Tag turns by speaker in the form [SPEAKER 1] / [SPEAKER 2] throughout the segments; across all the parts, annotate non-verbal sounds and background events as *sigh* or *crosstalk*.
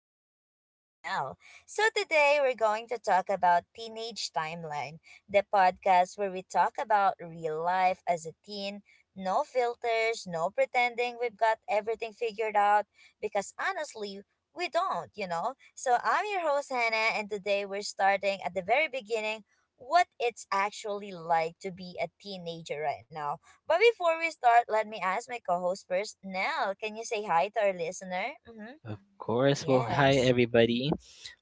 [SPEAKER 1] podcast with Nell. So today we're going to talk about Teenage Timeline, the podcast where we talk about real life as a teen, no filters, no pretending we've got everything figured out because honestly, we don't. So I'm your host Hannah and today we're starting at the very beginning, what it's actually like to be a teenager right now, but before we start, let me ask my co host first. Nell, can you say hi to our listener? Mm-hmm.
[SPEAKER 2] Of course. Well, hi
[SPEAKER 1] Yes.
[SPEAKER 2] everybody.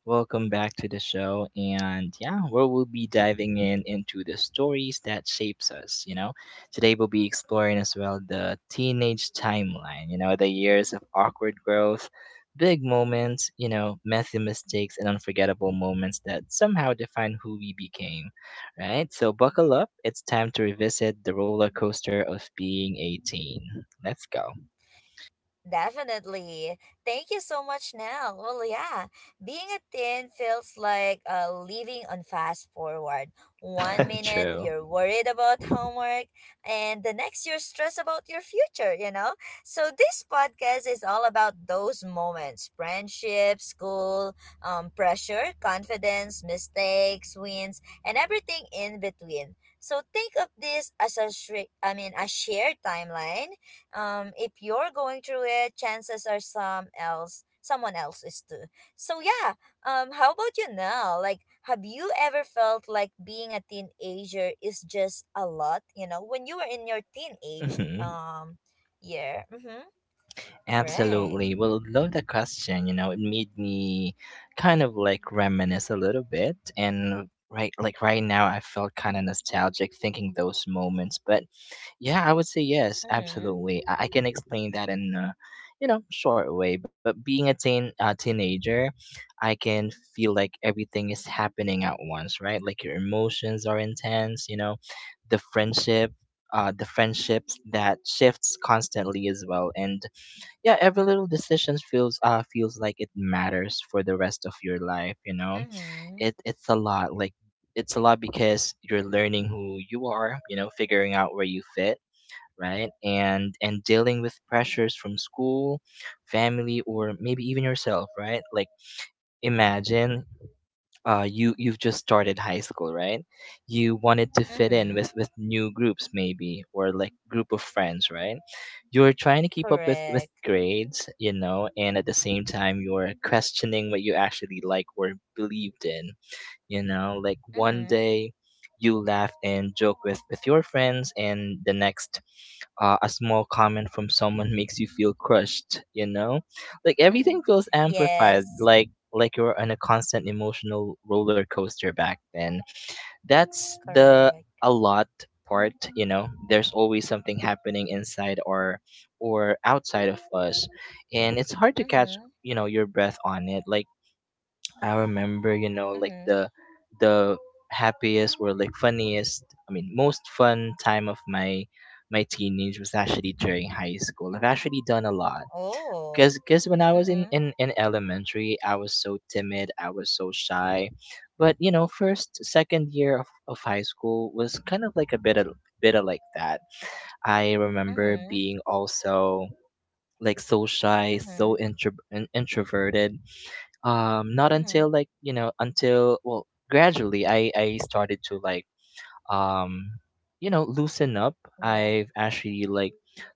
[SPEAKER 2] Welcome back to the show. And yeah, where we'll be diving in into the stories that shapes us. Today we'll be exploring as well the teenage timeline, the years of awkward growth, big moments, messy mistakes and unforgettable moments that somehow define who we became, right? So buckle up. It's time to revisit the roller coaster of being 18. Let's go.
[SPEAKER 1] Definitely. Thank you so much, Nell. Well, yeah, being a teen feels like living on fast forward. One
[SPEAKER 2] *laughs*
[SPEAKER 1] minute
[SPEAKER 2] True.
[SPEAKER 1] you're worried about homework, and the next you're stressed about your future, you know? So, this podcast is all about those moments, friendship, school, pressure, confidence, mistakes, wins, and everything in between. So, think of this as a, a shared timeline. If you're going through it, chances are someone else is too. So yeah, how about you now? Like, have you ever felt like being a teenager is just a lot, you know, when you were in your teenage
[SPEAKER 2] Hmm.
[SPEAKER 1] year? Mm-hmm. Right.
[SPEAKER 2] Absolutely. Well, love the question. It made me kind of like reminisce a little bit. And right, like right now, I felt kind of nostalgic thinking those moments. But yeah, I would say yes,
[SPEAKER 1] Mm-hmm.
[SPEAKER 2] absolutely. I can explain that in a short way. But being a teen, a teenager, I can feel like everything is happening at once, right? Like your emotions are intense, the friendship. The friendships that shifts constantly as well, and yeah, every little decision feels like it matters for the rest of your life.
[SPEAKER 1] Mm-hmm.
[SPEAKER 2] It's a lot. Like it's a lot because you're learning who you are, figuring out where you fit, right? And dealing with pressures from school, family, or maybe even yourself, right? Like, imagine, you've just started high school, right? You wanted to fit in
[SPEAKER 1] Mm-hmm.
[SPEAKER 2] with new groups maybe, or like group of friends, right? You're trying to keep up with
[SPEAKER 1] Correct.
[SPEAKER 2] grades, and at the same time you're questioning what you actually like or believed in. Like one
[SPEAKER 1] Mm-hmm.
[SPEAKER 2] day you laugh and joke with your friends, and the next. A small comment from someone *laughs* makes you feel crushed. Like everything feels
[SPEAKER 1] *laughs*
[SPEAKER 2] amplified.
[SPEAKER 1] Yes.
[SPEAKER 2] Like you're on a constant emotional roller coaster back then. That's the
[SPEAKER 1] Correct.
[SPEAKER 2] a lot part. There's always something happening inside, or outside of us, and it's hard to catch,
[SPEAKER 1] Mm-hmm.
[SPEAKER 2] your breath on it. Like, I remember, like
[SPEAKER 1] Mm-hmm.
[SPEAKER 2] the happiest, or like funniest, I mean, most fun time of my teenage was actually during high school. I've actually done a lot.
[SPEAKER 1] Oh.
[SPEAKER 2] 'Cause when I was in,
[SPEAKER 1] Mm-hmm.
[SPEAKER 2] in, in elementary, I was so timid, I was so shy. But first, second year of high school was kind of like a bit of like that. I remember
[SPEAKER 1] Mm-hmm.
[SPEAKER 2] being also like so shy,
[SPEAKER 1] Mm-hmm.
[SPEAKER 2] so introverted, not
[SPEAKER 1] Mm-hmm.
[SPEAKER 2] until, like, until, well, gradually I started to, like, um loosen up.
[SPEAKER 1] Yeah.
[SPEAKER 2] I've actually like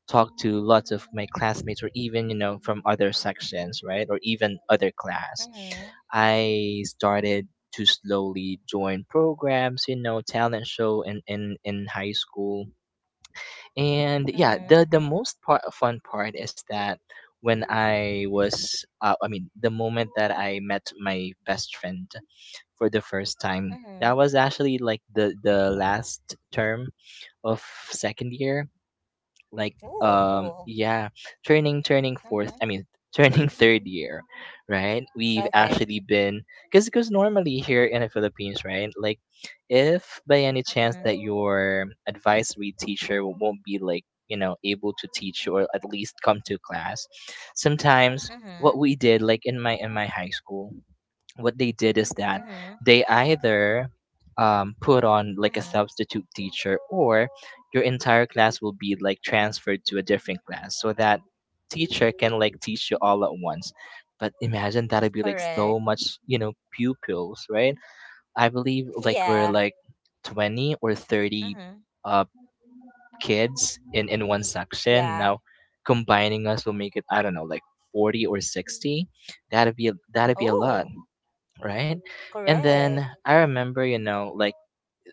[SPEAKER 2] talked to lots of my classmates, or even from other sections, right, or even other class.
[SPEAKER 1] Mhm.
[SPEAKER 2] I started to slowly join programs, talent show in high school. And yeah,
[SPEAKER 1] Mhm.
[SPEAKER 2] the most part, fun part is that when I was, the moment that I met my best friend for the first time, that
[SPEAKER 1] Mhm.
[SPEAKER 2] was actually like the last term of second year. Like,
[SPEAKER 1] Ooh, cool.
[SPEAKER 2] yeah, turning turning fourth
[SPEAKER 1] Mhm.
[SPEAKER 2] I mean *laughs* turning third year, right? We've
[SPEAKER 1] Okay.
[SPEAKER 2] actually been. Because normally here in the Philippines, right, like, if by any chance that
[SPEAKER 1] Mhm.
[SPEAKER 2] your advisory teacher won't be like, able to teach you, or at least come to class sometimes, what
[SPEAKER 1] Mhm.
[SPEAKER 2] we did like in my high school, what they did is that
[SPEAKER 1] Mhm.
[SPEAKER 2] they either, put on like a
[SPEAKER 1] Mhm.
[SPEAKER 2] substitute teacher, or your entire class will be like transferred to a different class so that teacher can like teach you all at once. But imagine, that'd be like so
[SPEAKER 1] Correct.
[SPEAKER 2] much, pupils, right? I believe
[SPEAKER 1] *laughs*
[SPEAKER 2] like we're
[SPEAKER 1] Yeah.
[SPEAKER 2] like 20 or 30
[SPEAKER 1] Mhm.
[SPEAKER 2] uh kids in one
[SPEAKER 1] Ye-
[SPEAKER 2] section
[SPEAKER 1] Yeah.
[SPEAKER 2] now. Combining us will make it, I don't know, like 40 or 60. That'd be a lot,
[SPEAKER 1] Oh,
[SPEAKER 2] right? And then
[SPEAKER 1] correct.
[SPEAKER 2] I remember, like,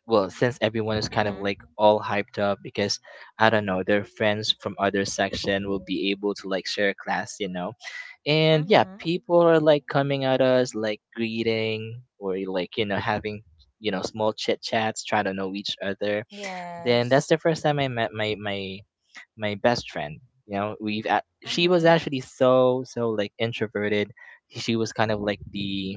[SPEAKER 2] well, since everyone is kind of
[SPEAKER 1] Mhm.
[SPEAKER 2] like all hyped up because, I don't know, their friends from other section will be able to like share class. And yeah,
[SPEAKER 1] Mhm.
[SPEAKER 2] people are like coming at us, like greeting, or like having small chit chats, try to know each other. Then that's
[SPEAKER 1] Yes.
[SPEAKER 2] the first time I met my best friend. She was
[SPEAKER 1] Mhm.
[SPEAKER 2] actually so like introverted. She was kind of like the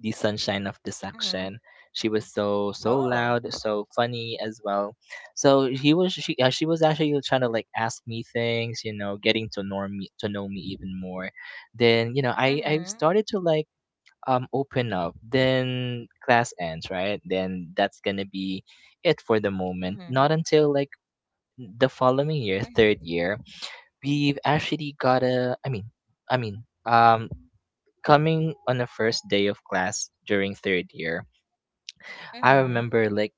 [SPEAKER 2] the sunshine of the
[SPEAKER 1] Mhm.
[SPEAKER 2] section. She was so
[SPEAKER 1] Oh.
[SPEAKER 2] loud, so funny as well. So he was she was actually trying to like ask me things, getting to know me even more. Then, I
[SPEAKER 1] Mhm.
[SPEAKER 2] started to like open up. Then class ends, right? Then that's gonna be it for the moment. Not
[SPEAKER 1] Mhm.
[SPEAKER 2] until like the following year,
[SPEAKER 1] Mhm.
[SPEAKER 2] third year. We've actually got a, I mean, Coming on the first day of class during third year, I
[SPEAKER 1] Mhm.
[SPEAKER 2] remember like,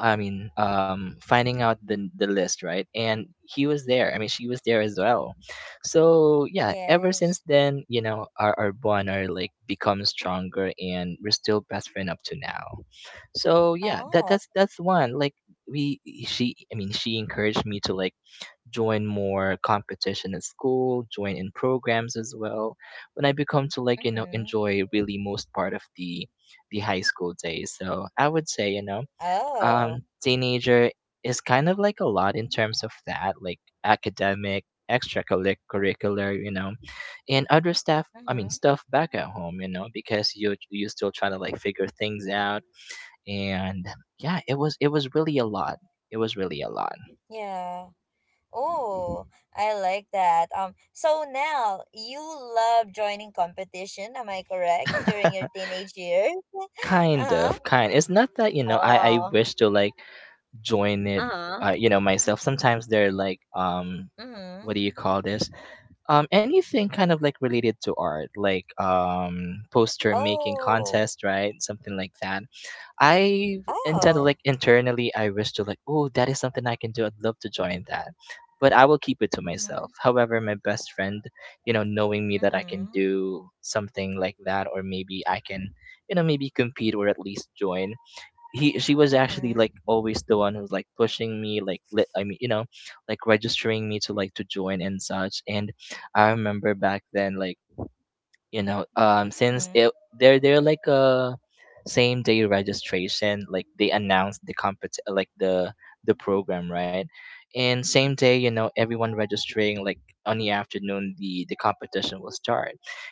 [SPEAKER 2] finding out the list, right? And he was there. I mean, she was there as well. So yeah, ever since
[SPEAKER 1] Yes.
[SPEAKER 2] then, our bond are like become stronger, and we're still best friend up to now. So yeah, that
[SPEAKER 1] Oh.
[SPEAKER 2] that's that's one. Like, we, she, I mean, she encouraged me to like join more competition at school, join in programs as well. When I become to like,
[SPEAKER 1] Mhm.
[SPEAKER 2] enjoy really most part of the high school days. So I would say,
[SPEAKER 1] Oh.
[SPEAKER 2] teenager is kind of like a lot in terms of that, like, academic, extracurricular, and other stuff I mean
[SPEAKER 1] Mhm.
[SPEAKER 2] stuff back at home, because you still trying to like figure things out. And yeah, it was really a lot. It was really a lot.
[SPEAKER 1] Yeah. Oh, I like that. So now you love joining competition, am I correct? During your
[SPEAKER 2] *laughs*
[SPEAKER 1] teenage years?
[SPEAKER 2] kind
[SPEAKER 1] Uh-huh.
[SPEAKER 2] of kind It's not that, I
[SPEAKER 1] Oh.
[SPEAKER 2] wish to like join it.
[SPEAKER 1] Uh-huh.
[SPEAKER 2] Myself, sometimes they're like,
[SPEAKER 1] Mm-hmm.
[SPEAKER 2] what do you call this, anything kind of like related to art, like, poster making
[SPEAKER 1] Oh.
[SPEAKER 2] contest, right, something like that. I intend to
[SPEAKER 1] Oh.
[SPEAKER 2] like, internally I wish to like, oh, that is something I can do. I'd love to join that. But I will keep it to
[SPEAKER 1] Mm-hmm.
[SPEAKER 2] myself. However, my best friend, knowing me that I can
[SPEAKER 1] Mm-hmm.
[SPEAKER 2] do something like that, or maybe I can, maybe compete, or at least join. He she was actually
[SPEAKER 1] Mm-hmm.
[SPEAKER 2] like always the one who's like pushing me like, lit, I mean, you know, like, registering me to join and such. And I remember back then, like, since
[SPEAKER 1] Mm-hmm.
[SPEAKER 2] it they're like a same day registration, like they announced the compet like the program, right, and same day, everyone registering like on the afternoon the competition will start.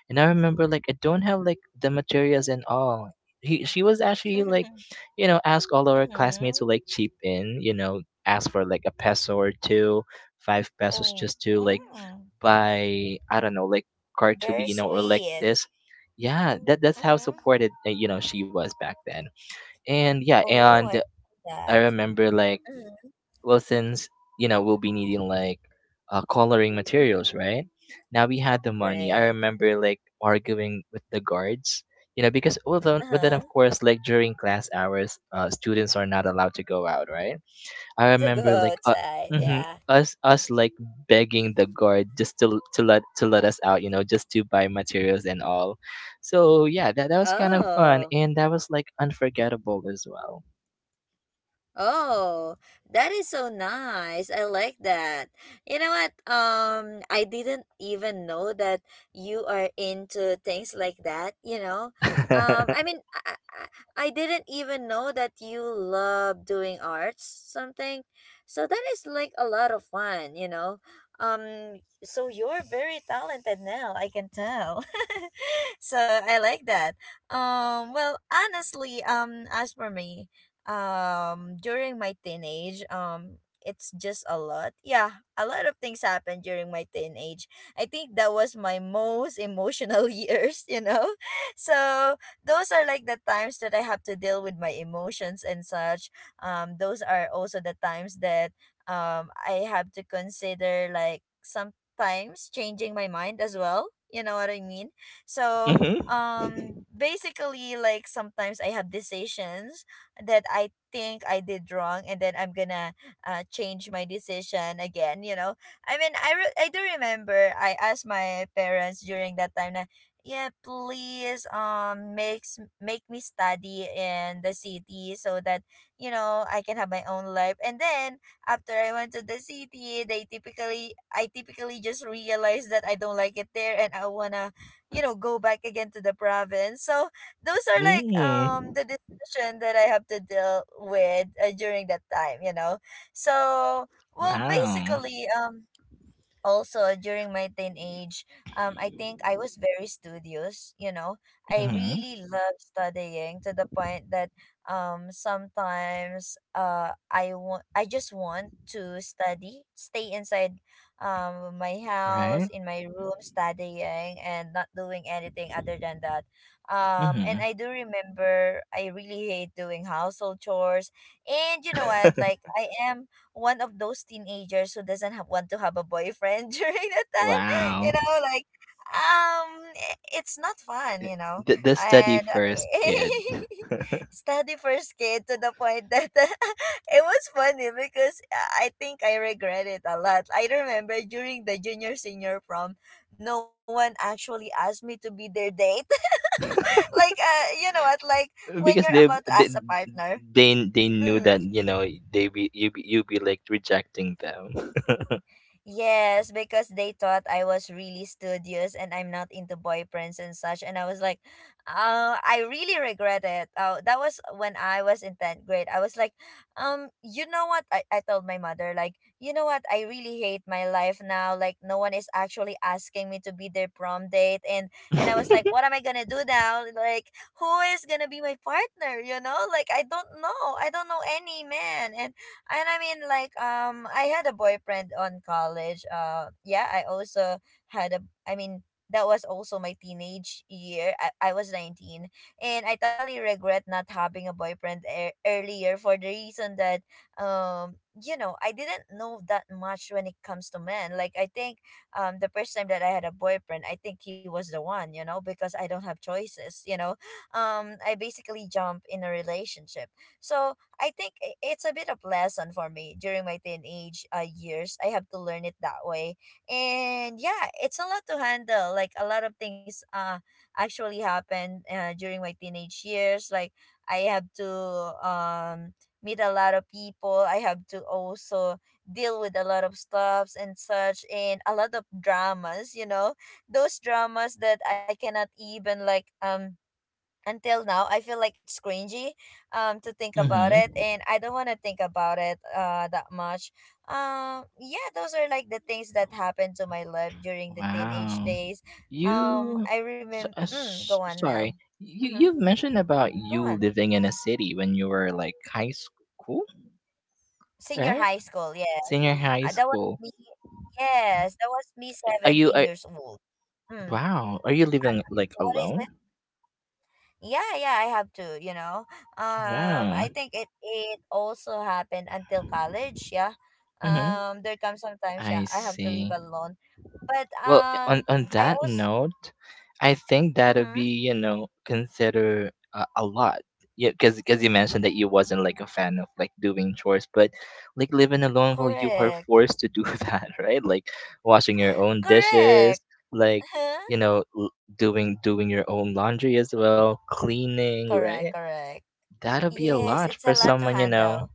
[SPEAKER 2] And I remember like, I don't have like the materials and all. She was actually like,
[SPEAKER 1] *laughs*
[SPEAKER 2] ask all our classmates
[SPEAKER 1] Mm-hmm.
[SPEAKER 2] to like chip in, ask for like a peso or two, five pesos,
[SPEAKER 1] Oh.
[SPEAKER 2] just to like,
[SPEAKER 1] Mm.
[SPEAKER 2] by I don't know, like
[SPEAKER 1] Very
[SPEAKER 2] Cartolino, or like
[SPEAKER 1] sweet.
[SPEAKER 2] this. Yeah, that's how
[SPEAKER 1] Mm-hmm.
[SPEAKER 2] supported, she was back then. And yeah,
[SPEAKER 1] Oh, I
[SPEAKER 2] and
[SPEAKER 1] like
[SPEAKER 2] I
[SPEAKER 1] that.
[SPEAKER 2] remember like,
[SPEAKER 1] Mm-hmm.
[SPEAKER 2] well, since we'll be needing like, coloring materials,
[SPEAKER 1] Mhm.
[SPEAKER 2] right? Now we had the money. I
[SPEAKER 1] Great.
[SPEAKER 2] remember like arguing with the guards, because, well then, but then
[SPEAKER 1] Uh-huh.
[SPEAKER 2] of course, like during class hours, students are not allowed to go out, right? I
[SPEAKER 1] To go
[SPEAKER 2] remember like,
[SPEAKER 1] outside,
[SPEAKER 2] hmm
[SPEAKER 1] yeah.
[SPEAKER 2] us like begging the guard just to let us out, just to buy materials and all. So yeah, that was kind of
[SPEAKER 1] Oh.
[SPEAKER 2] fun, and that was like unforgettable as well.
[SPEAKER 1] Oh, that is so nice. I like that. You know what? I didn't even know that you are into things like that, you know? Um, I
[SPEAKER 2] *laughs*
[SPEAKER 1] mean, I, I didn't even know that you love doing arts something. So that is like a lot of fun, you know? So you're very talented now, I can tell. *laughs* So I like that. Well, honestly, as for me, during my teenage, it's just a lot. Yeah, a lot of things happened during my teenage. I think that was my most emotional *laughs* years, you know. So those are like the times that I have to deal with my emotions and such. Those are also the times that I have to consider like sometimes changing my mind as well, you know what I mean. So
[SPEAKER 2] Mm-hmm.
[SPEAKER 1] basically, like sometimes I have decisions that I think I did wrong and then I'm gonna change my decision again, you know. I mean, I do remember I asked my parents during that time na, yeah, please make me study in the city so that, you know, I can have my own life. And then after I went to the city, they typically I typically just realized that I don't like it there and I wanna, you know, go back again to the province. So those are like
[SPEAKER 2] Mm.
[SPEAKER 1] the decision that I have to deal with during that time, you know. So, well,
[SPEAKER 2] Wow.
[SPEAKER 1] basically, also during my teenage, I think I was very studious, you know. I
[SPEAKER 2] Mm-hmm.
[SPEAKER 1] really love studying to the point that sometimes I just want to study stay inside my house
[SPEAKER 2] Right.
[SPEAKER 1] in my room studying and not doing anything other than that. And
[SPEAKER 2] Mm-hmm.
[SPEAKER 1] I do remember I really hate doing household chores. And you know what,
[SPEAKER 2] *laughs*
[SPEAKER 1] like, I am one of those teenagers who doesn't have, want to have a boyfriend *laughs* during that time. You
[SPEAKER 2] Wow.
[SPEAKER 1] know, like, it's not fun, you know.
[SPEAKER 2] The study
[SPEAKER 1] And
[SPEAKER 2] first kid.
[SPEAKER 1] *laughs* study first kid to the point that *laughs* it was funny because I think I regret it a lot. I remember during the junior senior prom, no one actually asked me to be their date. *laughs* Like, you know what? Like when
[SPEAKER 2] *laughs*
[SPEAKER 1] you're
[SPEAKER 2] Because they
[SPEAKER 1] about to ask
[SPEAKER 2] they
[SPEAKER 1] a partner.
[SPEAKER 2] they, they knew
[SPEAKER 1] Mm.
[SPEAKER 2] that, they be you be, you be like rejecting them.
[SPEAKER 1] Yes, because they thought I was really studious and I'm not into boyfriends and such. And I was like, I really regret it. That was when I was in 10th grade. I was like, you know what? I told my mother, like, you know what? I really hate my life now. Like, no one is actually asking me to be their prom date. And I was like, what
[SPEAKER 2] *laughs*
[SPEAKER 1] am I going to do now? Like, who is going to be my partner? You know, like, I don't know. I don't know any man. And I mean, like, I had a boyfriend on college. Yeah, I also had a. I mean, that was also my teenage year. I was 19, and I totally regret not having a boyfriend earlier for the reason that, um, you know, I didn't know that much when it comes to men. Like, I think, the first time that I had a boyfriend, I think he was the one. You know, because I don't have choices. You know, I basically jump in a relationship. So I think it's a bit of lesson for me during my teenage years. I have to learn it that way. And yeah, it's a lot to handle. Like a lot of things actually happened during my teenage years. Like I have to um meet a lot of people. I have to also deal with a lot of stuffs and such and a lot of dramas, you know. Those dramas that I cannot even like, until now I feel like it's cringy to think about it
[SPEAKER 2] Hmm.
[SPEAKER 1] and I don't want to think about it that much. Yeah, those are like the things that happened to my life during the teenage
[SPEAKER 2] Wow.
[SPEAKER 1] days.
[SPEAKER 2] You,
[SPEAKER 1] Go on, Nell.
[SPEAKER 2] Sorry, you
[SPEAKER 1] Mm-hmm.
[SPEAKER 2] you've mentioned about
[SPEAKER 1] Go
[SPEAKER 2] you
[SPEAKER 1] on.
[SPEAKER 2] living in a city when you were like high school,
[SPEAKER 1] Senior
[SPEAKER 2] right?
[SPEAKER 1] high school, yes.
[SPEAKER 2] Senior high
[SPEAKER 1] Uh,
[SPEAKER 2] school.
[SPEAKER 1] that was me.
[SPEAKER 2] Are you?
[SPEAKER 1] 17 years old. Hmm.
[SPEAKER 2] Wow. Are you living like
[SPEAKER 1] What is.
[SPEAKER 2] alone?
[SPEAKER 1] Yeah, yeah, I have to, you know.
[SPEAKER 2] Wow.
[SPEAKER 1] I think it it also happened until college, yeah.
[SPEAKER 2] Mm-hmm.
[SPEAKER 1] There come sometimes,
[SPEAKER 2] I
[SPEAKER 1] yeah, I have to leave
[SPEAKER 2] see.
[SPEAKER 1] alone. But
[SPEAKER 2] Well, on
[SPEAKER 1] I
[SPEAKER 2] that
[SPEAKER 1] also,
[SPEAKER 2] note, I think that'll
[SPEAKER 1] mm-hmm,
[SPEAKER 2] be, consider, a lot. Yeah, because you mentioned that you wasn't like a fan of like doing chores, but like living alone, well, you are
[SPEAKER 1] correct,
[SPEAKER 2] forced to do *laughs* that, right? Like washing your
[SPEAKER 1] *gasps* *laughs*
[SPEAKER 2] own dishes,
[SPEAKER 1] correct,
[SPEAKER 2] like, you
[SPEAKER 1] *laughs*
[SPEAKER 2] know l- doing your own laundry as well, cleaning,
[SPEAKER 1] correct,
[SPEAKER 2] right?
[SPEAKER 1] correct.
[SPEAKER 2] That'll be a
[SPEAKER 1] Yes,
[SPEAKER 2] lot
[SPEAKER 1] it's a
[SPEAKER 2] for
[SPEAKER 1] lot to
[SPEAKER 2] someone,
[SPEAKER 1] handle.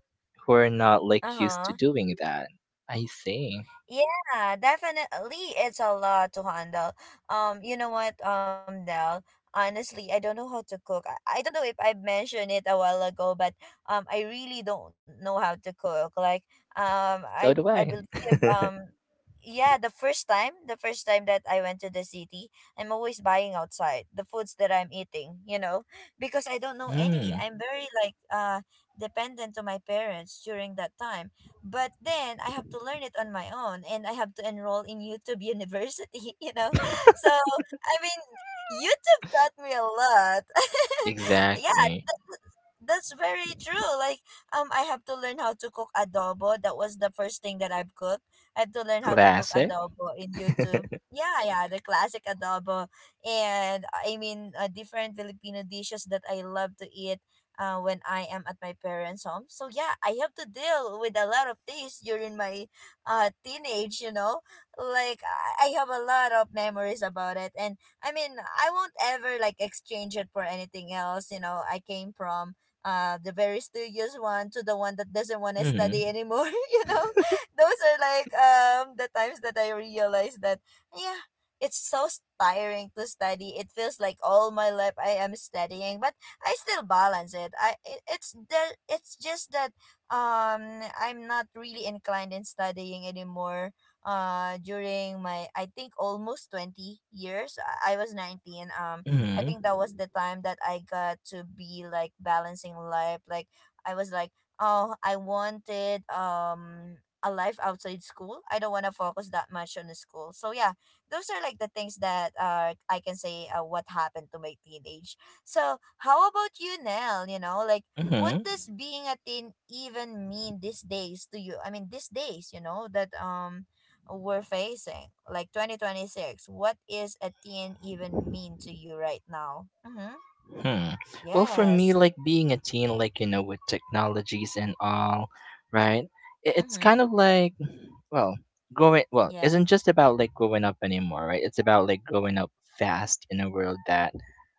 [SPEAKER 2] who are not
[SPEAKER 1] Uh
[SPEAKER 2] like used to
[SPEAKER 1] huh.
[SPEAKER 2] doing that. I see.
[SPEAKER 1] Yeah, definitely. It's a lot to handle. You know what, Nell? Honestly, I don't know how to cook. I don't know if I mentioned it a while ago, but I really don't know how to cook. Like,
[SPEAKER 2] So do
[SPEAKER 1] I
[SPEAKER 2] I.
[SPEAKER 1] believe um, yeah, the first time that I went to the city, I'm always buying outside the foods that I'm eating. You know, because I don't know any.
[SPEAKER 2] Mm,
[SPEAKER 1] I'm very like dependent to my parents during that time, but then I have to learn it on my own and I have to enroll in YouTube University, *laughs* you know? So, I mean, YouTube taught me a lot. *laughs* Yeah,
[SPEAKER 2] exactly.
[SPEAKER 1] that, that's very true. Like, I have to learn how to cook adobo. That was the first thing that I've cooked. I have to learn how to cook
[SPEAKER 2] Classic.
[SPEAKER 1] adobo in YouTube.
[SPEAKER 2] *laughs*
[SPEAKER 1] Yeah, yeah, the classic adobo. And I mean, different Filipino dishes that I love to eat when I am at my parents' home. So yeah, I have to deal with a lot of things during my teenage, you know. Like I have a lot of memories about it. And I mean, I won't ever like exchange it for anything else, you know. I came from the very studious one to the one that doesn't want to study
[SPEAKER 2] Mm-hmm.
[SPEAKER 1] anymore, *laughs* you know. Those are like, the times that I realized that, yeah, it's so tiring to study. It feels like all my life I am studying. But I still balance it. It's the it's just that I'm not really inclined in studying anymore. During my I think almost 20 years, I was 19. I
[SPEAKER 2] Mm-hmm.
[SPEAKER 1] think that was the time that I got to be like balancing life. Like I was like, oh, I wanted a life outside school. I don't want to focus that much on the school. So yeah, those are like the things that I can say what happened to my teenage. So, how about you, Nell? You know, like, what
[SPEAKER 2] Mm-hmm.
[SPEAKER 1] does being a teen even mean these days to you? I mean, these days, you know, that we're facing, like, 2026. What is a teen even mean to you right now? Mm-hmm.
[SPEAKER 2] Hmm. Well, for me,
[SPEAKER 1] Yes.
[SPEAKER 2] like being a teen, like, with technologies and all, right? It's
[SPEAKER 1] Mm-hmm.
[SPEAKER 2] kind of like, well, growing. Well,
[SPEAKER 1] Yeah.
[SPEAKER 2] isn't just about like growing up anymore, right? It's about like growing up fast in a world that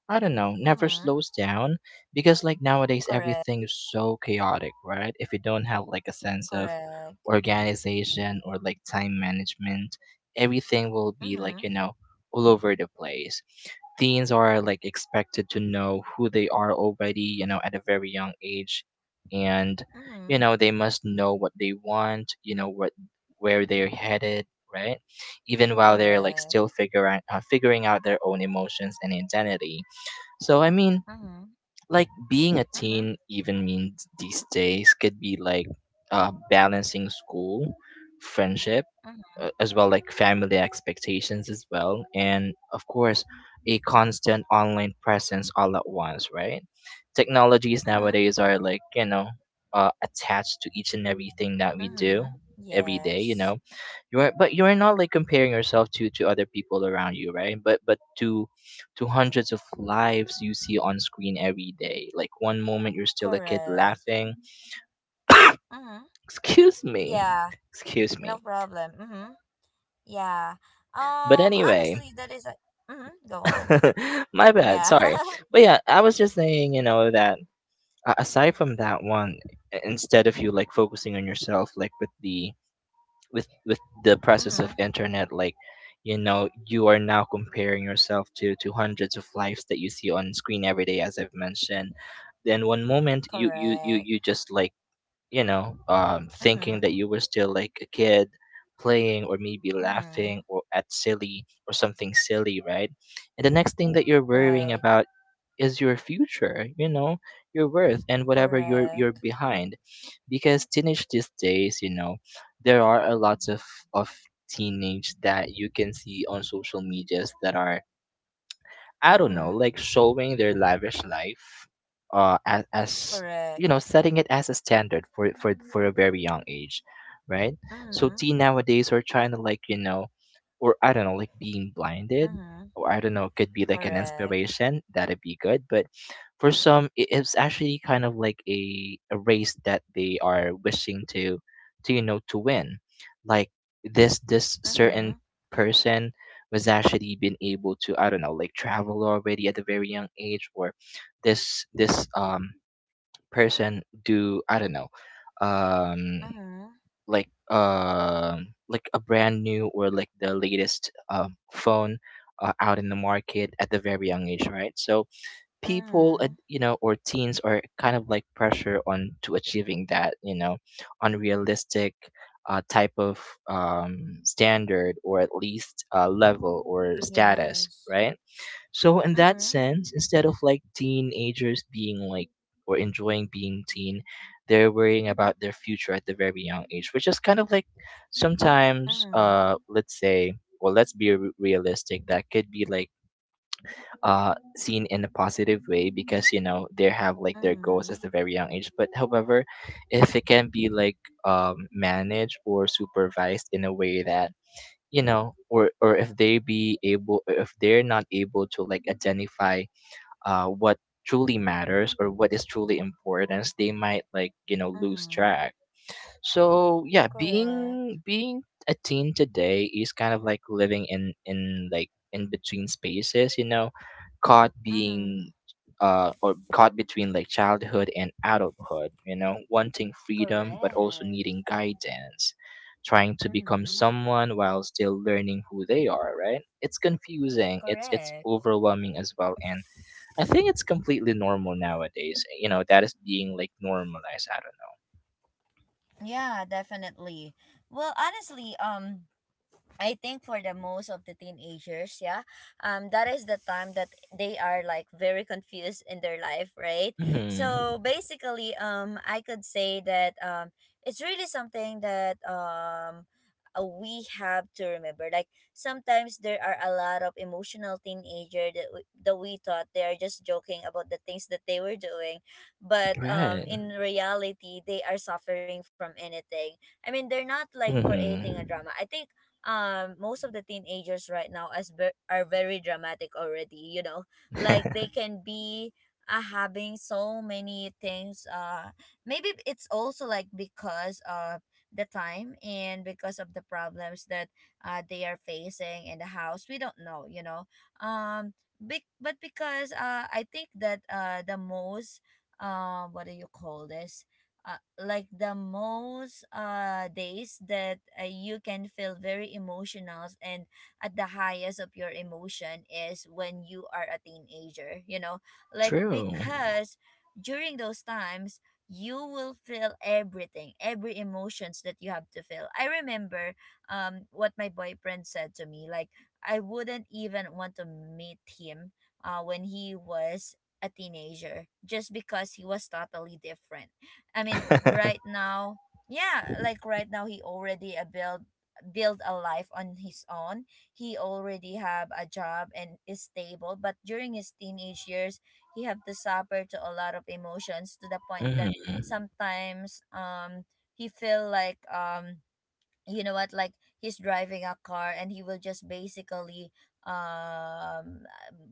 [SPEAKER 2] I don't know, never
[SPEAKER 1] Mm-hmm.
[SPEAKER 2] slows down because like nowadays
[SPEAKER 1] Correct.
[SPEAKER 2] everything is so chaotic, right? If you don't have like a sense of
[SPEAKER 1] Correct.
[SPEAKER 2] organization or like time management, everything will be like,
[SPEAKER 1] Mm-hmm.
[SPEAKER 2] you know, all over the place. Teens are like expected to know who they are already, you know, at a very young age and you
[SPEAKER 1] Mm-hmm.
[SPEAKER 2] know, they must know what they want, you know, what where they're headed, right? Even while they're like
[SPEAKER 1] Correct.
[SPEAKER 2] still figuring figuring out their own emotions and identity. So I mean,
[SPEAKER 1] Mm-hmm.
[SPEAKER 2] like being a
[SPEAKER 1] Mm-hmm.
[SPEAKER 2] teen even means these days could be like balancing school, friendship,
[SPEAKER 1] Mm-hmm.
[SPEAKER 2] as well like family expectations as well, and of course a constant online presence all at once, right? Technologies
[SPEAKER 1] Mm-hmm.
[SPEAKER 2] nowadays are like you know attached to each and everything that we do
[SPEAKER 1] Mm-hmm.
[SPEAKER 2] every day you know
[SPEAKER 1] Yes.
[SPEAKER 2] you are but you are not like comparing yourself to other people around you, right, but to to hundreds of lives you see on screen every day. Like one moment you're still a kid
[SPEAKER 1] Correct.
[SPEAKER 2] laughing.
[SPEAKER 1] Mm-hmm.
[SPEAKER 2] Excuse me.
[SPEAKER 1] Yeah,
[SPEAKER 2] Excuse
[SPEAKER 1] no
[SPEAKER 2] me.
[SPEAKER 1] problem. Mm-hmm. Yeah.
[SPEAKER 2] But anyway,
[SPEAKER 1] Honestly, that is a mm-hmm. Go on.
[SPEAKER 2] *laughs* my bad,
[SPEAKER 1] Yeah.
[SPEAKER 2] sorry. But yeah, I was just saying, you know, that aside from that one, instead of you like focusing on yourself like with the with the
[SPEAKER 1] *laughs*
[SPEAKER 2] presence
[SPEAKER 1] mm-hmm.
[SPEAKER 2] of internet, like you know you are now comparing yourself to hundreds of lives that you see on screen every day, as I've mentioned. Then one moment you you you,
[SPEAKER 1] Correct.
[SPEAKER 2] you just like you know,
[SPEAKER 1] Mm-hmm.
[SPEAKER 2] thinking that you were still like a kid playing or maybe
[SPEAKER 1] Mm-hmm.
[SPEAKER 2] laughing or at silly or something silly, right? And the next thing that you're worrying
[SPEAKER 1] Right.
[SPEAKER 2] about is your future, you know, your worth and whatever you're
[SPEAKER 1] Correct.
[SPEAKER 2] behind. Because teenage these days, you know, there are a lot of teenage that you can see on social medias that are I don't know,
[SPEAKER 1] Mm-hmm.
[SPEAKER 2] like showing their lavish life, as you know,
[SPEAKER 1] Correct.
[SPEAKER 2] setting it as a standard for for a very young age, right? So
[SPEAKER 1] Mm-hmm.
[SPEAKER 2] teen nowadays are trying to like you know, or I don't know, like being blinded,
[SPEAKER 1] Mm-hmm.
[SPEAKER 2] or I don't know, could be like an
[SPEAKER 1] Correct.
[SPEAKER 2] inspiration that'd be good. But for some, it's actually kind of like a race that they are wishing to you know to win, like this certain
[SPEAKER 1] Mm-hmm.
[SPEAKER 2] person was actually been able to I don't know like travel already at a very young age, or this person do I don't know um
[SPEAKER 1] Mm-hmm.
[SPEAKER 2] like a brand new or like the latest phone out in the market at the very young age, right? So people at
[SPEAKER 1] Mm-hmm.
[SPEAKER 2] you know or teens are kind of like pressure on to achieving that you know unrealistic type of standard or at least level or status,
[SPEAKER 1] Yes.
[SPEAKER 2] right? So in that
[SPEAKER 1] Mm-hmm.
[SPEAKER 2] sense, instead of like teenagers being like or enjoying being teen, they're worrying about their future at the very young age, which is kind of like sometimes
[SPEAKER 1] Mm-hmm.
[SPEAKER 2] let's say, well, let's be realistic, that could be like seen in a positive way because you know they have like their goals as
[SPEAKER 1] Mm-hmm.
[SPEAKER 2] a very young age, but however, if it can be like managed or supervised in a way that you know or if they be able if they're not able to like identify what truly matters or what is truly important, they might like you know lose
[SPEAKER 1] Mm-hmm.
[SPEAKER 2] track. So yeah,
[SPEAKER 1] Correct.
[SPEAKER 2] being a teen today is kind of like living in like in between spaces, you know, caught
[SPEAKER 1] Mm-hmm.
[SPEAKER 2] being or caught between like childhood and adulthood, you know, wanting freedom but also
[SPEAKER 1] Correct.
[SPEAKER 2] needing guidance, trying to become
[SPEAKER 1] Mm-hmm.
[SPEAKER 2] someone while still learning who they are, right? It's confusing, it's
[SPEAKER 1] Correct.
[SPEAKER 2] overwhelming as well and. I think it's completely normal nowadays. You know, that is being like normalized. I
[SPEAKER 1] Yeah, definitely. Well, honestly, I think for the most of the teenagers, yeah, that is the time that they are like very confused in their life, right?
[SPEAKER 2] don't know. Mm-hmm.
[SPEAKER 1] So basically, I could say that it's really something that we have to remember. Like sometimes there are a lot of emotional teenager that we thought they are just joking about the things that they were doing, but
[SPEAKER 2] Right.
[SPEAKER 1] in reality, they are suffering from anything. I mean, they're not like creating a drama.
[SPEAKER 2] Mm-hmm.
[SPEAKER 1] I think most of the teenagers right now are very dramatic already. Like they can be having so many things, maybe it's also like because of the time and because of the problems that they are facing in the house, we don't know. um but because I think that the most, what do you call this, uh, like the most days that you can feel very emotional and at the highest of your emotion is when you are a teenager.
[SPEAKER 2] *laughs*
[SPEAKER 1] Like
[SPEAKER 2] True.
[SPEAKER 1] because during those times you will feel everything, every emotions that you have to feel. I remember what my boyfriend said to me, like I wouldn't even want to meet him when he was a teenager just because he was totally different. I
[SPEAKER 2] *laughs*
[SPEAKER 1] mean,
[SPEAKER 2] mm-hmm.
[SPEAKER 1] right now, yeah, like right now he already a build a life on his own. He already have a job and is stable, but during his teenage years, he have to suffer to a lot of emotions to the point that sometimes he feel like, you know what, like he's driving a car and he will just basically um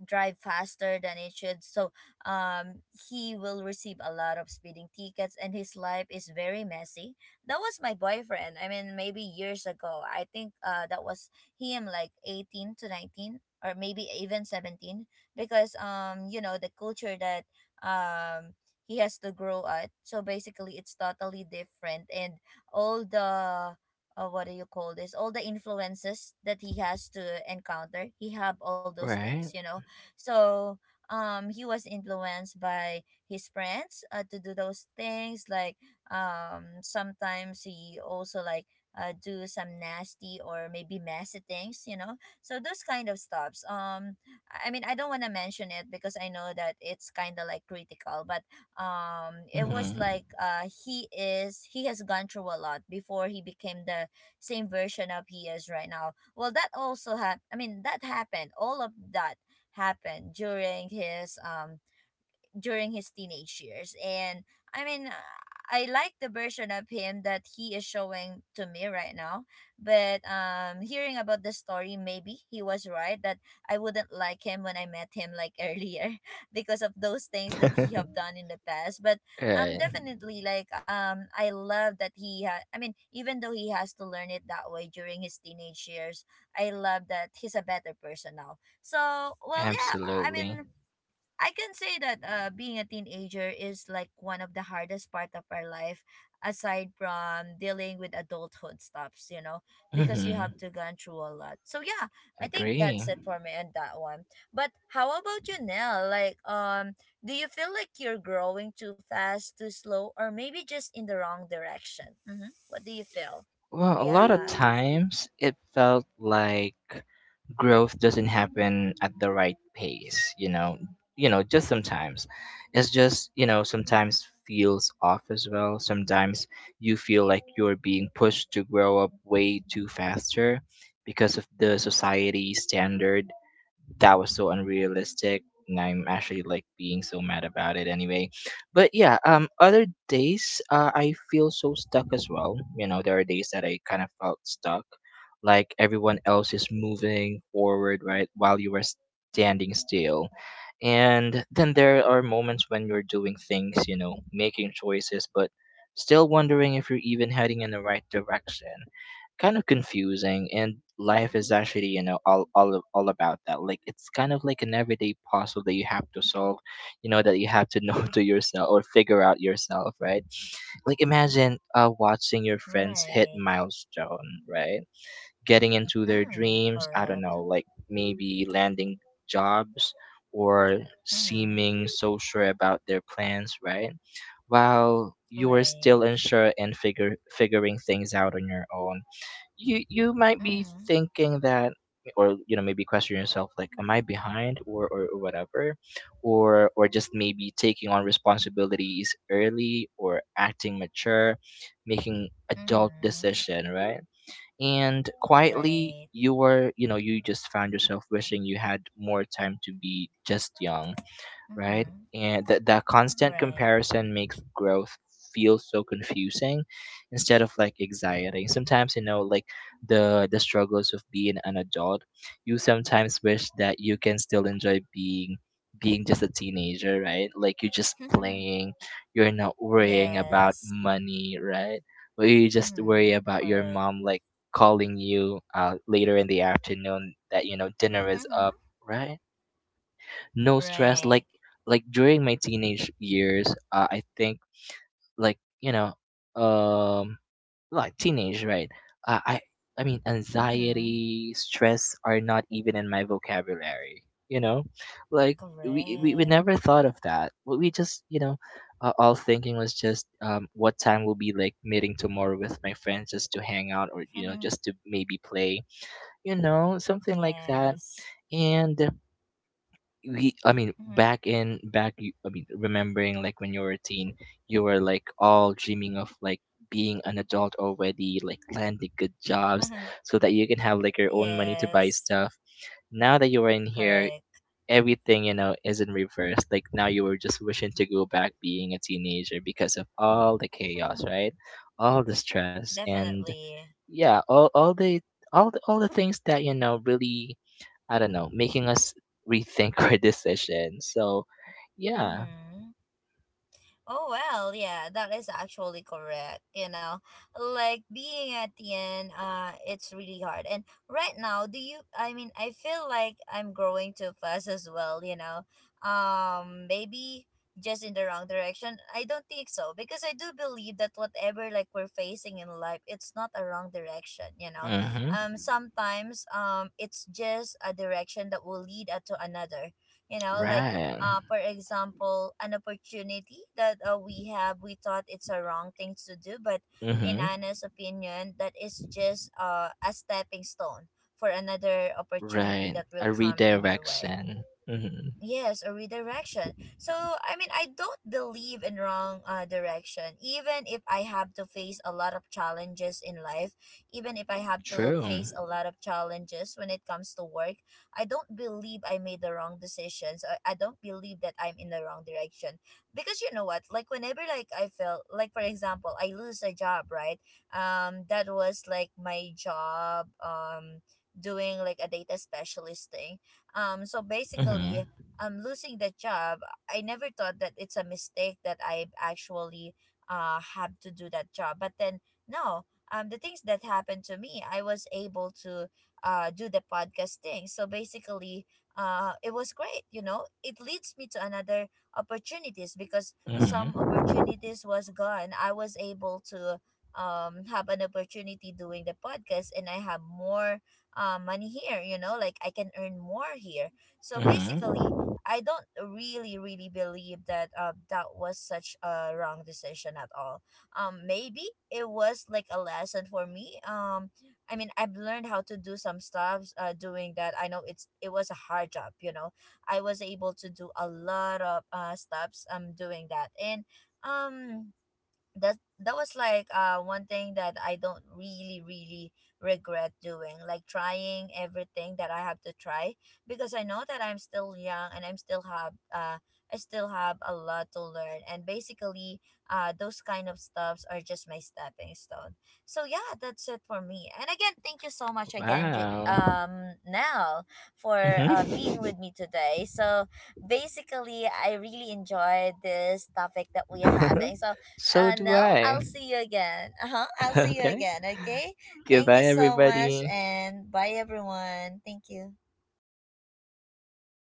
[SPEAKER 1] drive faster than it should. So um he will receive a lot of speeding tickets and his life is very messy. That was my boyfriend, I mean maybe years ago. I think that was him like 18 to 19, or maybe even 17, because you know the culture that um he has to grow at, so basically it's totally different. And all the, what do you call this, all the influences that he has to encounter, he have all those
[SPEAKER 2] Right.
[SPEAKER 1] things. So he was influenced by his friends, to do those things. Like sometimes he also like, do some nasty or maybe messy things. So those kind of stuffs, I mean I don't want to mention it because I know that it's kind of like critical, but it was
[SPEAKER 2] Mm-hmm.
[SPEAKER 1] like, he is, he has gone through a lot before he became the same version of he is right now. Well, that also happened. I mean, that happened. All of that happened during his teenage years. And I mean, I like the version of him that he is showing to me right now. But hearing about the story, maybe he was right that I wouldn't like him when I met him like *laughs* earlier because of those things that he have done in the past. But
[SPEAKER 2] *laughs* right.
[SPEAKER 1] definitely like, I love that he had. I mean, even though he has to learn it that way during his teenage years, I love that he's a better person now. So well, yeah. I
[SPEAKER 2] Absolutely.
[SPEAKER 1] mean, I can say that, being a teenager is like one of the hardest part of our life, aside from dealing with adulthood stuffs, you know, because you
[SPEAKER 2] Mm-hmm.
[SPEAKER 1] have to gone through a lot. So yeah, I think
[SPEAKER 2] Agree.
[SPEAKER 1] that's it for me and that one. But how about you, Nell? Like, do you feel like you're growing too fast, too slow, or maybe just in the wrong direction? Mm-hmm. What do you feel?
[SPEAKER 2] Well, a lot of
[SPEAKER 1] Yeah,
[SPEAKER 2] times it felt like growth doesn't happen at the right pace, you know, you know just sometimes it's just you know sometimes feels off as well. Sometimes you feel like you're being pushed to grow up way too faster because of the society standard that was so unrealistic, and I'm actually like being so mad about it anyway. But yeah, other days I feel so stuck as well, you know, there are days that I kind of felt stuck, like everyone else is moving forward, right, while you are standing still. And then there are moments when you're doing things, you know, making choices but still wondering if you're even heading in the right direction. Kind of confusing, and life is actually you know all about that. Like it's kind of like an everyday puzzle that you have to solve, you know, that you have to know *laughs* to yourself or figure out yourself, right? Like imagine watching your friends hit
[SPEAKER 1] right.
[SPEAKER 2] milestone, right, getting into their
[SPEAKER 1] Mm,
[SPEAKER 2] dreams, I don't
[SPEAKER 1] correct.
[SPEAKER 2] know, like maybe landing jobs or
[SPEAKER 1] Mm-hmm.
[SPEAKER 2] seeming so sure about their plans, right, while you are
[SPEAKER 1] Right.
[SPEAKER 2] still unsure and figure figuring things out on your own. You might be
[SPEAKER 1] Mm-hmm.
[SPEAKER 2] thinking that, or you know maybe question yourself like am I behind, or whatever, or just maybe taking on responsibilities early or acting mature, making adult
[SPEAKER 1] Mm-hmm.
[SPEAKER 2] decision, right? And quietly
[SPEAKER 1] Right.
[SPEAKER 2] you were you know you just found yourself wishing you had more time to be just young, right?
[SPEAKER 1] Mm-hmm.
[SPEAKER 2] And that constant
[SPEAKER 1] Right.
[SPEAKER 2] comparison makes growth feel so confusing instead of like exciting. Sometimes you know like the struggles of being an adult. You sometimes wish that you can still enjoy being just a teenager, right? Like you're just
[SPEAKER 1] *laughs*
[SPEAKER 2] playing, you're not worrying about
[SPEAKER 1] yes.
[SPEAKER 2] money, right? But you just worry
[SPEAKER 1] Mm-hmm.
[SPEAKER 2] about your
[SPEAKER 1] Correct.
[SPEAKER 2] mom like calling you later in the afternoon that you know dinner is
[SPEAKER 1] Mm-hmm.
[SPEAKER 2] up, right? No stress,
[SPEAKER 1] Right.
[SPEAKER 2] like during my teenage years, I think, like you know um like teenage right uh, i I mean
[SPEAKER 1] Mm-hmm.
[SPEAKER 2] anxiety stress are not even in my vocabulary, you know, like we
[SPEAKER 1] Correct.
[SPEAKER 2] never thought of that. We just you know all thinking was just what time will be like meeting tomorrow with my friends just to hang out or you know just
[SPEAKER 1] *laughs*
[SPEAKER 2] to maybe play, you know something like that.
[SPEAKER 1] yes.
[SPEAKER 2] And we I mean back in back you- I mean remembering like when you were a teen, you were like all dreaming of like being an adult already, like landing good jobs
[SPEAKER 1] Mm-hmm.
[SPEAKER 2] so that you can have like
[SPEAKER 1] *laughs*
[SPEAKER 2] your own money to buy
[SPEAKER 1] yes.
[SPEAKER 2] stuff. Now that you're in here,
[SPEAKER 1] Correct.
[SPEAKER 2] everything you know is in reverse. Like now you were just wishing to go back being a teenager because of all the chaos,
[SPEAKER 1] *laughs*
[SPEAKER 2] right, all the stress and
[SPEAKER 1] Definitely.
[SPEAKER 2] yeah all the things that you know really I don't know, making us rethink *laughs* our decisions. So, yeah.
[SPEAKER 1] Mm-hmm. Oh well, yeah, that is actually correct. You know, like being at the end, it's really hard. And right now, do you? I mean, I feel like I'm growing too fast as well. You know, maybe just in the wrong direction. I don't think so, because I do believe that whatever like we're facing in life, it's not a wrong direction. You know,
[SPEAKER 2] Mm-hmm.
[SPEAKER 1] sometimes, it's just a direction that will lead us to another. You know, like,
[SPEAKER 2] Right.
[SPEAKER 1] for example, an opportunity that we have, we thought it's a wrong thing to do, but in
[SPEAKER 2] Mm-hmm.
[SPEAKER 1] Anna's opinion, that is just a stepping stone for another opportunity
[SPEAKER 2] Right.
[SPEAKER 1] that will
[SPEAKER 2] A
[SPEAKER 1] come in your way.
[SPEAKER 2] redirection. Mm-hmm.
[SPEAKER 1] Yes, a redirection. So, I mean, I don't believe in wrong direction. Even if I have to face a lot of challenges in life, even if I have to
[SPEAKER 2] True.
[SPEAKER 1] face a lot of challenges when it comes to work, I don't believe I made the wrong decisions. I don't believe that I'm in the wrong direction. Because you know what? Like, whenever, like, I felt, like, for example, I lose a job, right? That was, like, my job, doing, like, a data specialist thing. So
[SPEAKER 2] Mm-hmm.
[SPEAKER 1] basically, losing the job, I never thought that it's a mistake that I actually, have to do that job. But then, no, the things that happened to me, I was able to, do the podcast thing. So basically, it was great. You know, it leads me to another opportunities because some
[SPEAKER 2] Mm-hmm.
[SPEAKER 1] opportunities was gone. I was able to have an opportunity doing the podcast and I have more money here, you know, like I can earn more here. So basically
[SPEAKER 2] Mm-hmm.
[SPEAKER 1] I don't really really believe that that was such a wrong decision at all. Maybe it was like a lesson for me. I mean, I've learned how to do some stuff. Doing that, I know it's, it was a hard job. You know, I was able to do a lot of stuffs. Doing that and um that was like one thing that I don't really really regret doing, like trying everything that I have to try, because I know that I'm still young and I'm still have I still have a lot to learn. And basically those kind of stuffs are just my stepping stone. So yeah, that's it for me and again thank you so much again,
[SPEAKER 2] Wow.
[SPEAKER 1] Nell, for being
[SPEAKER 2] Mm-hmm.
[SPEAKER 1] with me today. So basically I really enjoyed this topic that we are having. So
[SPEAKER 2] *laughs* so do
[SPEAKER 1] no,
[SPEAKER 2] I.
[SPEAKER 1] I'll see you again. Uh huh. I'll
[SPEAKER 2] *laughs*
[SPEAKER 1] see you
[SPEAKER 2] okay.
[SPEAKER 1] again. Okay. Thank you
[SPEAKER 2] Goodbye,
[SPEAKER 1] so much,
[SPEAKER 2] everybody.
[SPEAKER 1] and bye, everyone. Thank you.